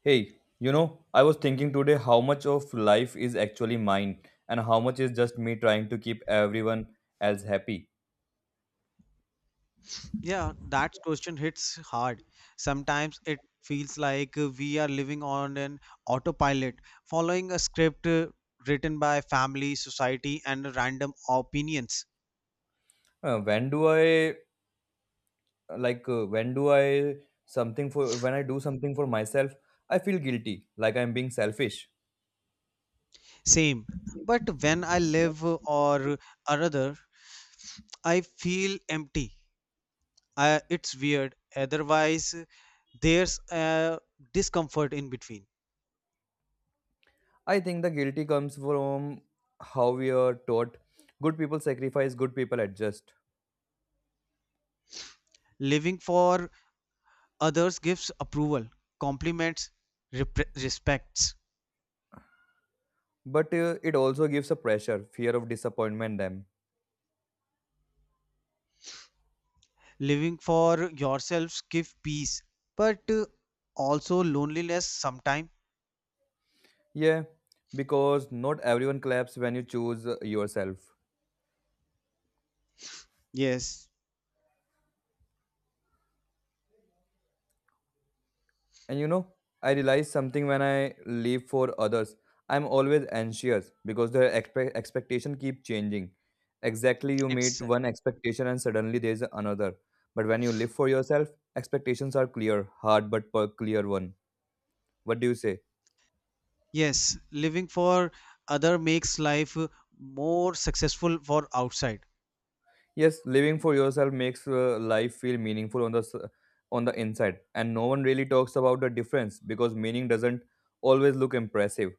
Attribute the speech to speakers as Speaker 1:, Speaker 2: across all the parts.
Speaker 1: Hey, you know, I was thinking today how much of life is actually mine and how much is just me trying to keep everyone else happy.
Speaker 2: Yeah, that question hits hard. Sometimes it feels like we are living on an autopilot, following a script written by family, society, and random opinions.
Speaker 1: When do I when do I something for when I do something for myself, I feel guilty, like I'm being selfish.
Speaker 2: Same. But when I live or other, I feel empty. I, it's weird. Otherwise, there's a discomfort in between.
Speaker 1: I think the guilty comes from how we are taught good people sacrifice, good people adjust.
Speaker 2: Living for others gives approval, compliments, respects
Speaker 1: But it also gives a pressure, fear of disappointment them.
Speaker 2: living for yourselves give peace but also loneliness sometimes.
Speaker 1: Yeah, because not everyone claps when you choose yourself.
Speaker 2: Yes.
Speaker 1: And you know, I realize something when I live for others. I'm always anxious because their expectation keep changing. Exactly, you meet
Speaker 2: It's
Speaker 1: one expectation and suddenly there's another. But when you live for yourself, expectations are clear, hard but per clear one. What do you say?
Speaker 2: yes living for other makes life more successful for outside.
Speaker 1: Yes, living for yourself makes life feel meaningful on on the inside, and no one really talks about the difference because meaning doesn't always look impressive.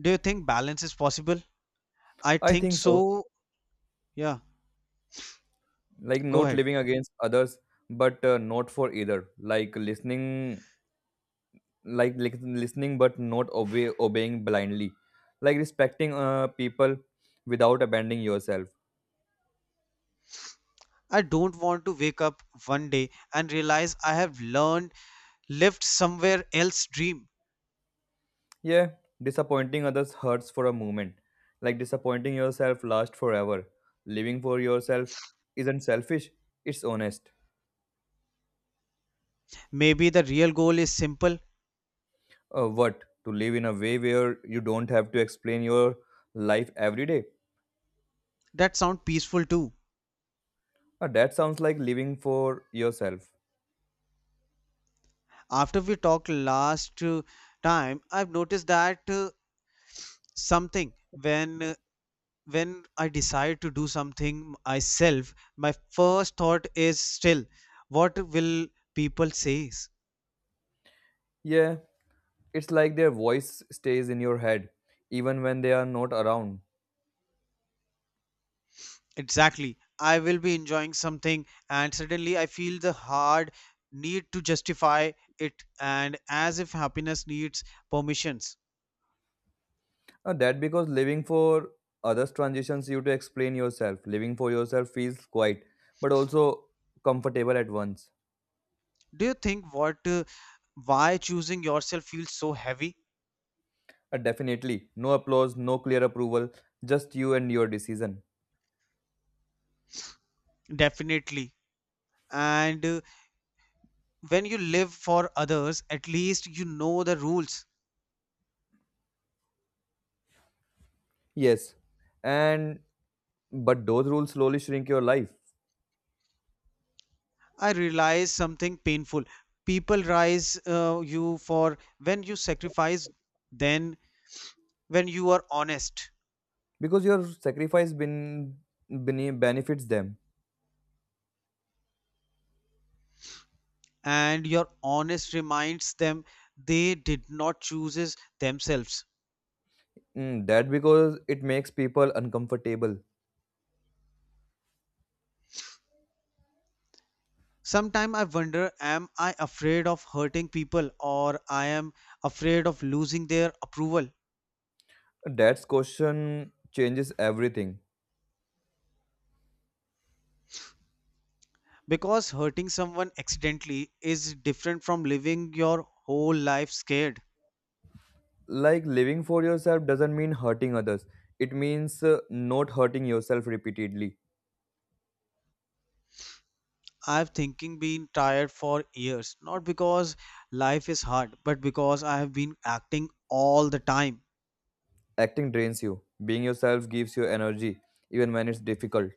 Speaker 2: Do you think balance is possible? I
Speaker 1: I
Speaker 2: think
Speaker 1: think
Speaker 2: so.
Speaker 1: so.
Speaker 2: Yeah,
Speaker 1: Like
Speaker 2: go
Speaker 1: not
Speaker 2: ahead.
Speaker 1: living against others but not for either, like listening, listening but not obeying blindly, like respecting people without abandoning yourself.
Speaker 2: I don't want to wake up one day and realize I have learned lived somewhere else dream.
Speaker 1: Yeah, disappointing others hurts for a moment, like disappointing yourself lasts forever. Living for yourself isn't selfish, it's honest.
Speaker 2: Maybe the real goal is simple.
Speaker 1: What to live in a way where you don't have to explain your life every day.
Speaker 2: That sound peaceful too.
Speaker 1: That sounds like living for yourself.
Speaker 2: After we talked last time, I've noticed that something when I decide to do something myself, my first thought is still, what will people say?
Speaker 1: Yeah, it's like their voice stays in your head even when they are not around.
Speaker 2: Exactly. I will be enjoying something, and suddenly I feel the hard need to justify it, and as if happiness needs permissions.
Speaker 1: That because living for others transitions you to explain yourself. Living for yourself feels quiet but also comfortable at once.
Speaker 2: Do you think what why choosing yourself feels so heavy?
Speaker 1: Definitely, no applause, no clear approval, just you and your decision.
Speaker 2: Definitely. And when you live for others, at least you know the rules.
Speaker 1: Yes, and but those rules slowly shrink your life
Speaker 2: I realize something painful. People rise you for when you sacrifice, then when you are honest,
Speaker 1: because your sacrifice been, bene benefits them.
Speaker 2: and your honest reminds them they did not choose themselves.
Speaker 1: Mm, that because it makes people uncomfortable.
Speaker 2: Sometimes I wonder, am I afraid of hurting people or I am afraid of losing their approval?
Speaker 1: Dad's question changes everything.
Speaker 2: Because hurting someone accidentally is different from living your whole life scared.
Speaker 1: Like living for yourself doesn't mean hurting others. It means not hurting yourself repeatedly.
Speaker 2: I've thinking been tired for years, not because life is hard, but because I have been acting all the time.
Speaker 1: Acting drains you. Being yourself gives you energy, even when it's difficult.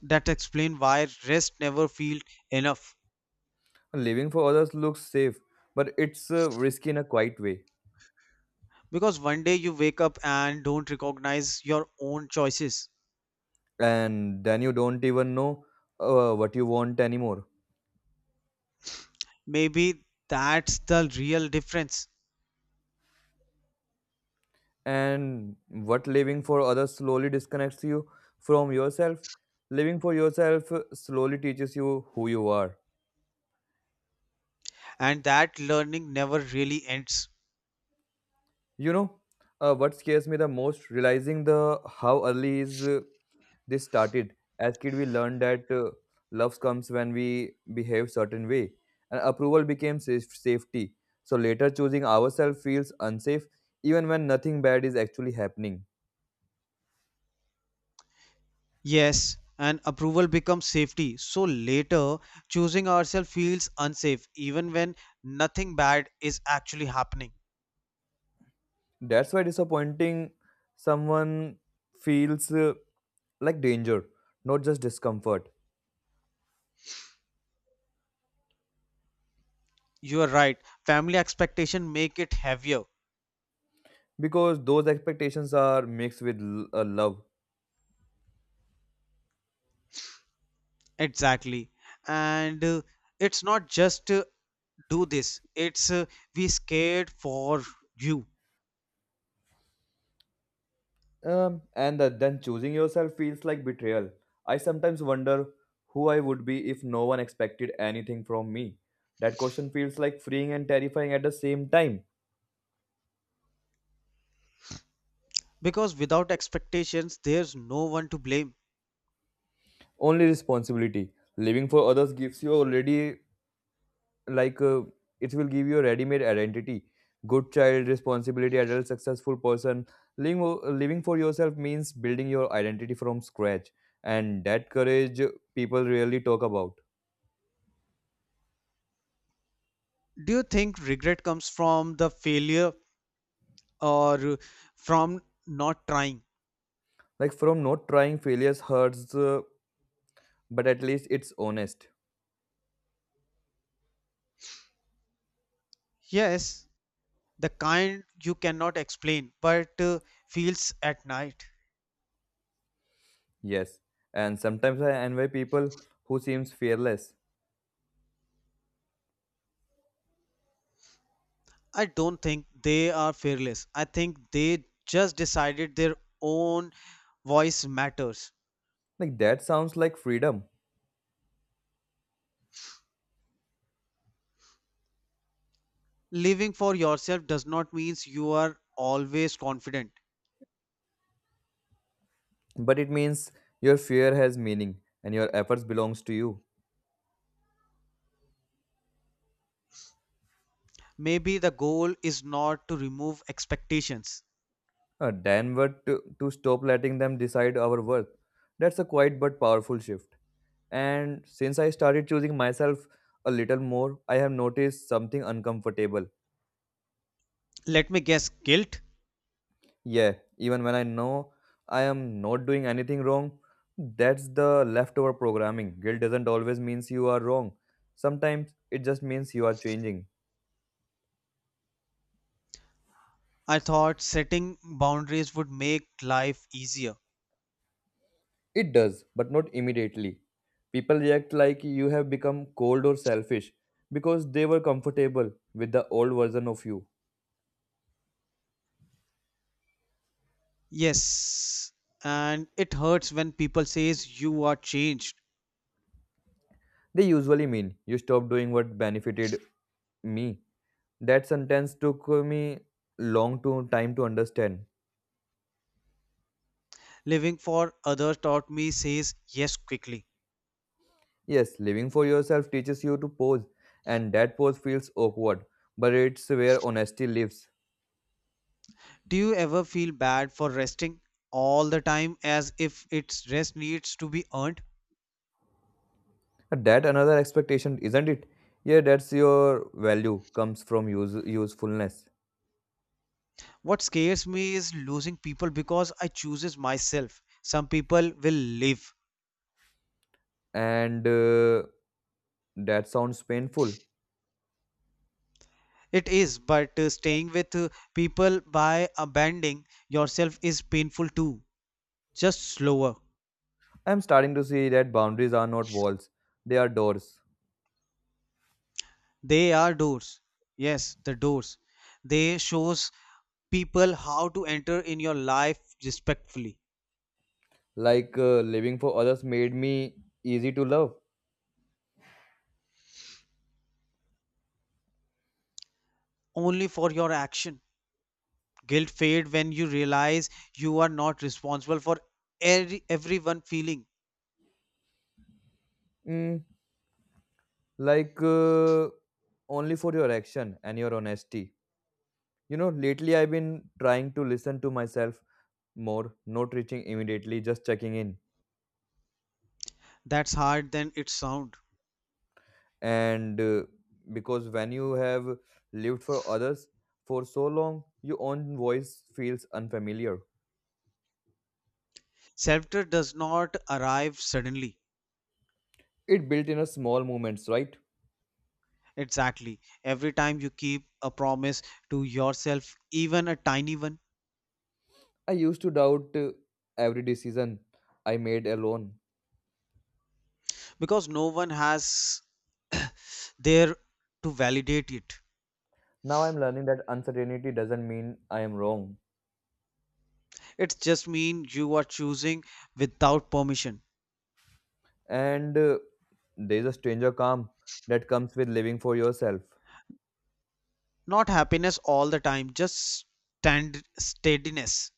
Speaker 2: That explains why rest never feels enough.
Speaker 1: Living for others looks safe, but it's risky in a quiet way.
Speaker 2: Because one day you wake up and don't recognize your own choices.
Speaker 1: And then you don't even know what you want anymore.
Speaker 2: Maybe that's the real difference.
Speaker 1: And what living for others slowly disconnects you from yourself. Living for yourself slowly teaches you who you are.
Speaker 2: And that learning never really ends.
Speaker 1: You know, what scares me the most, realizing the how early is this started. As kid, we learned that love comes when we behave certain way, and approval became safety. So later, choosing ourselves feels unsafe, even when nothing bad is actually happening.
Speaker 2: Yes, and approval becomes safety. So later, choosing ourselves feels unsafe, even when nothing bad is actually happening.
Speaker 1: That's why disappointing someone feels like danger, not just discomfort,
Speaker 2: You are right. Family expectation make it heavier.
Speaker 1: because those expectations are mixed with love.
Speaker 2: Exactly. And it's not just do this. It's we scared for you.
Speaker 1: Then choosing yourself feels like betrayal. I sometimes wonder who I would be if no one expected anything from me. That question feels like freeing and terrifying at the same time.
Speaker 2: Because without expectations, there's no one to blame.
Speaker 1: Only responsibility. Living for others gives you already, like, uh, it will give you a ready made identity. Good child, responsibility, adult, successful person. Living, Living for yourself means building your identity from scratch. And that courage people rarely talk about.
Speaker 2: Do you think regret comes from the failure or from not trying?
Speaker 1: Like, from not trying, failures hurts. But at least it's honest.
Speaker 2: Yes, the kind you cannot explain, but feels at night.
Speaker 1: Yes. And sometimes I envy people who seems fearless.
Speaker 2: I don't think they are fearless. I think they just decided their own voice matters.
Speaker 1: Like that sounds like freedom,
Speaker 2: Living for yourself does not mean you are always confident.
Speaker 1: but it means your fear has meaning and your efforts belongs to you.
Speaker 2: Maybe the goal is not to remove expectations.
Speaker 1: Then what to stop letting them decide our worth. That's a quiet but powerful shift. And since I started choosing myself a little more, I have noticed something uncomfortable.
Speaker 2: Let me guess guilt?
Speaker 1: Yeah, even when I know I am not doing anything wrong, that's the leftover programming. Guilt doesn't always means you are wrong. Sometimes it just means you are changing.
Speaker 2: I thought setting boundaries would make life easier.
Speaker 1: It does, but not immediately. People react like you have become cold or selfish because they were comfortable with the old version of you.
Speaker 2: Yes, and it hurts when people says you are changed.
Speaker 1: They usually mean you stopped doing what benefited me. That sentence took me long to time to understand.
Speaker 2: Living for others taught me says yes quickly.
Speaker 1: Yes, living for yourself teaches you to pose, and that pose feels awkward, but it's where honesty lives.
Speaker 2: Do you ever feel bad for resting all the time as if its rest needs to be earned?
Speaker 1: That another expectation, isn't it? Yeah, that's your value comes from use, usefulness,
Speaker 2: What scares me is losing people because I chooses myself. Some people will leave.
Speaker 1: and that sounds painful.
Speaker 2: It is, but staying with people by abandoning yourself is painful too. Just slower.
Speaker 1: I'm starting to see that boundaries are not walls; they are doors.
Speaker 2: They are doors. Yes, the doors. They shows people how to enter in your life respectfully,
Speaker 1: Like living for others made me easy to love.
Speaker 2: only for your action. Guilt fades when you realize you are not responsible for everyone feeling.
Speaker 1: Mm, like only for your action and your honesty. You know, lately I've been trying to listen to myself more, not reaching immediately, just checking in.
Speaker 2: That's hard than it sounds.
Speaker 1: And because when you have lived for others for so long your own voice feels unfamiliar.
Speaker 2: Self-trust does not arrive suddenly.
Speaker 1: It built in a small moments, right?
Speaker 2: Exactly. Every time you keep a promise to yourself, even a tiny one,
Speaker 1: I used to doubt every decision I made alone.
Speaker 2: because no one has there to validate it.
Speaker 1: Now I'm learning that uncertainty doesn't mean I am wrong.
Speaker 2: It just means you are choosing without permission.
Speaker 1: And there's a stranger calm that comes with living for yourself.
Speaker 2: Not happiness all the time, just stand steadiness.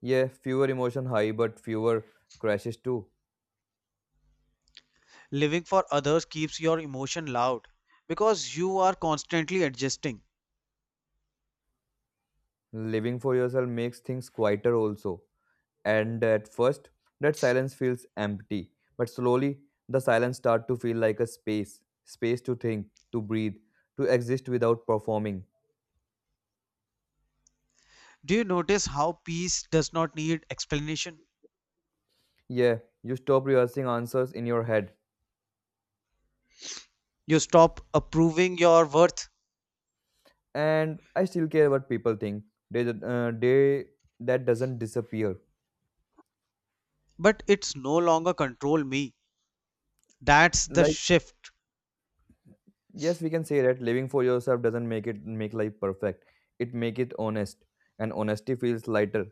Speaker 1: Yeah, fewer emotion high but fewer crashes too.
Speaker 2: Living for others keeps your emotion loud because you are constantly adjusting.
Speaker 1: Living for yourself makes things quieter also. And at first, that silence feels empty. But slowly, the silence starts to feel like a space to think, to breathe, to exist without performing.
Speaker 2: Do you notice how peace does not need explanation?
Speaker 1: Yeah, you stop rehearsing answers in your head.
Speaker 2: You stop approving your worth,
Speaker 1: And I still care what people think. They that doesn't disappear.
Speaker 2: but it's no longer control me. That's the
Speaker 1: Like
Speaker 2: shift.
Speaker 1: yes, we can say that living for yourself doesn't make life perfect. It make it honest, and honesty feels lighter.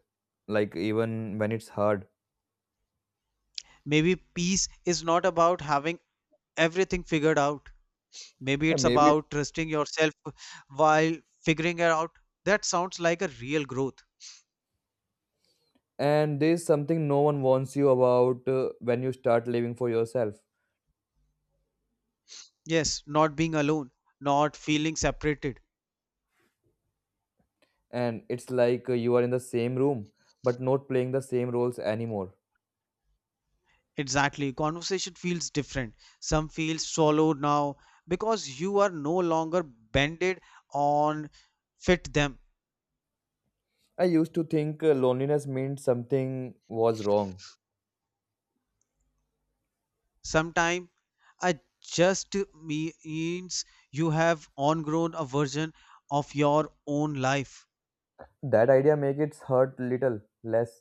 Speaker 1: Like even when it's hard.
Speaker 2: Maybe peace is not about having everything figured out. Maybe
Speaker 1: Yeah,
Speaker 2: it's
Speaker 1: maybe.
Speaker 2: about trusting yourself while figuring it out. That sounds like a real growth.
Speaker 1: And there's something no one warns you about when you start living for yourself.
Speaker 2: Yes, not being alone, not feeling separated.
Speaker 1: And it's like you are in the same room, but not playing the same roles anymore.
Speaker 2: Exactly. Conversation feels different. Some feel swallowed now because you are no longer bended on fit them.
Speaker 1: I used to think loneliness meant something was wrong.
Speaker 2: Sometimes it just means you have ongrown a version of your own life.
Speaker 1: That idea makes it hurt little less.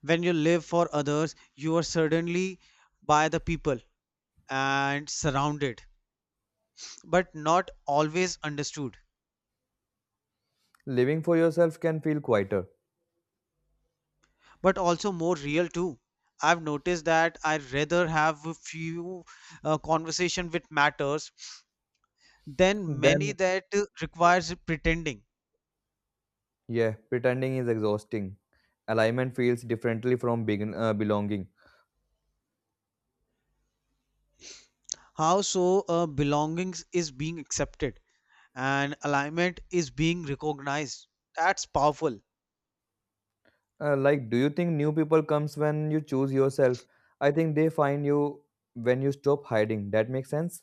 Speaker 2: When you live for others, you are suddenly by the people and surrounded, but not always understood.
Speaker 1: Living for yourself can feel quieter.
Speaker 2: But also more real too. I've noticed that I'd rather have a few conversation with matters than many
Speaker 1: Then,
Speaker 2: that requires pretending.
Speaker 1: yeah, pretending is exhausting. Alignment feels differently from belonging.
Speaker 2: How so belongings is being accepted and alignment is being recognized. That's powerful.
Speaker 1: Do you think new people comes when you choose yourself? I think they find you when you stop hiding. That makes sense.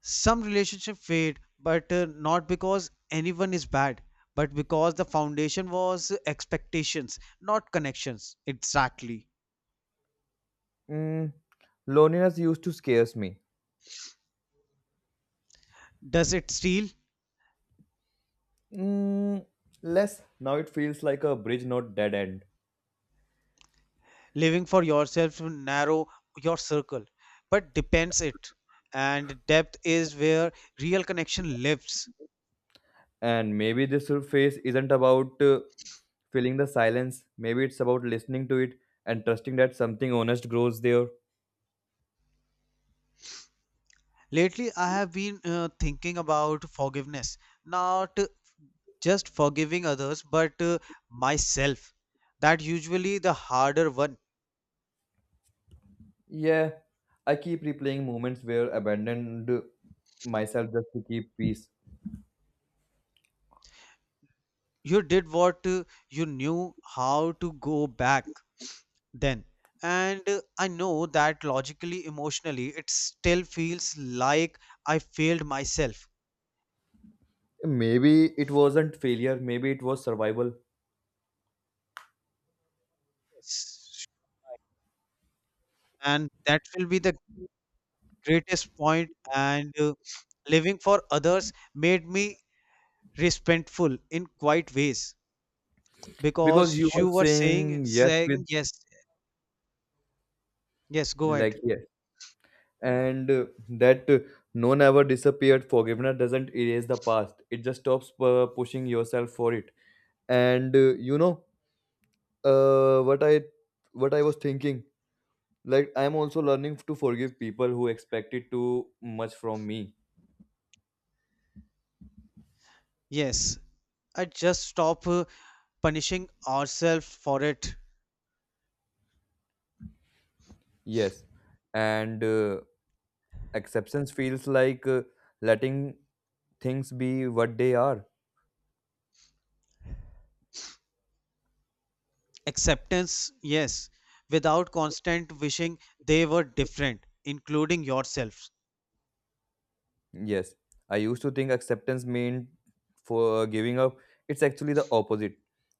Speaker 2: Some relationship fade, but not because anyone is bad, but because the foundation was expectations, not connections. Exactly.
Speaker 1: Mm, loneliness used to scares me.
Speaker 2: Does it steal?
Speaker 1: Mm, less now it feels like a bridge, not dead end.
Speaker 2: Living for yourself will narrow your circle but depends it and depth is where real connection lives.
Speaker 1: And maybe this whole phase isn't about filling the silence. Maybe it's about listening to it and trusting that something honest grows there.
Speaker 2: Lately I have been thinking about forgiveness, not just forgiving others but myself. That usually the harder one.
Speaker 1: Yeah, I keep replaying moments where abandoned myself just to keep peace.
Speaker 2: You did what you knew how to go back then. And I know that logically emotionally it still feels like I failed myself.
Speaker 1: Maybe it wasn't failure, maybe it was survival
Speaker 2: And that will be the greatest point. And living for others made me respectful in quite ways
Speaker 1: because
Speaker 2: because
Speaker 1: you were
Speaker 2: you were saying
Speaker 1: saying yes with,
Speaker 2: saying yes, yes go ahead
Speaker 1: like yes, and that no never disappeared. Forgiveness doesn't erase the past, it just stops pushing yourself for it. And you know, uh, what I what I was thinking, like I'm also learning to forgive people who expected too much from me.
Speaker 2: yes. I just stop punishing ourselves for it.
Speaker 1: Yes, and acceptance feels like letting things be what they are.
Speaker 2: Acceptance yes, without constant wishing they were different including yourselves.
Speaker 1: Yes, I used to think acceptance meant for giving up. It's actually the opposite.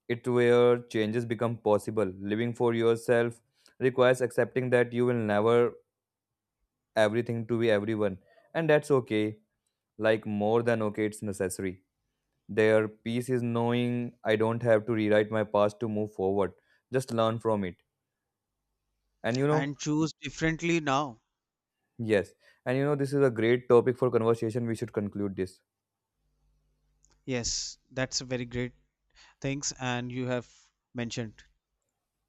Speaker 1: It where changes become possible. Living for yourself requires accepting that you will never everything to be everyone, and that's okay. Like more than okay, it's necessary. Their peace is knowing I don't have to rewrite my past to move forward. Just learn from it. And you know,
Speaker 2: And choose differently now.
Speaker 1: yes, and you know, this is a great topic for conversation. We should conclude this.
Speaker 2: Yes, that's a very great things and you have mentioned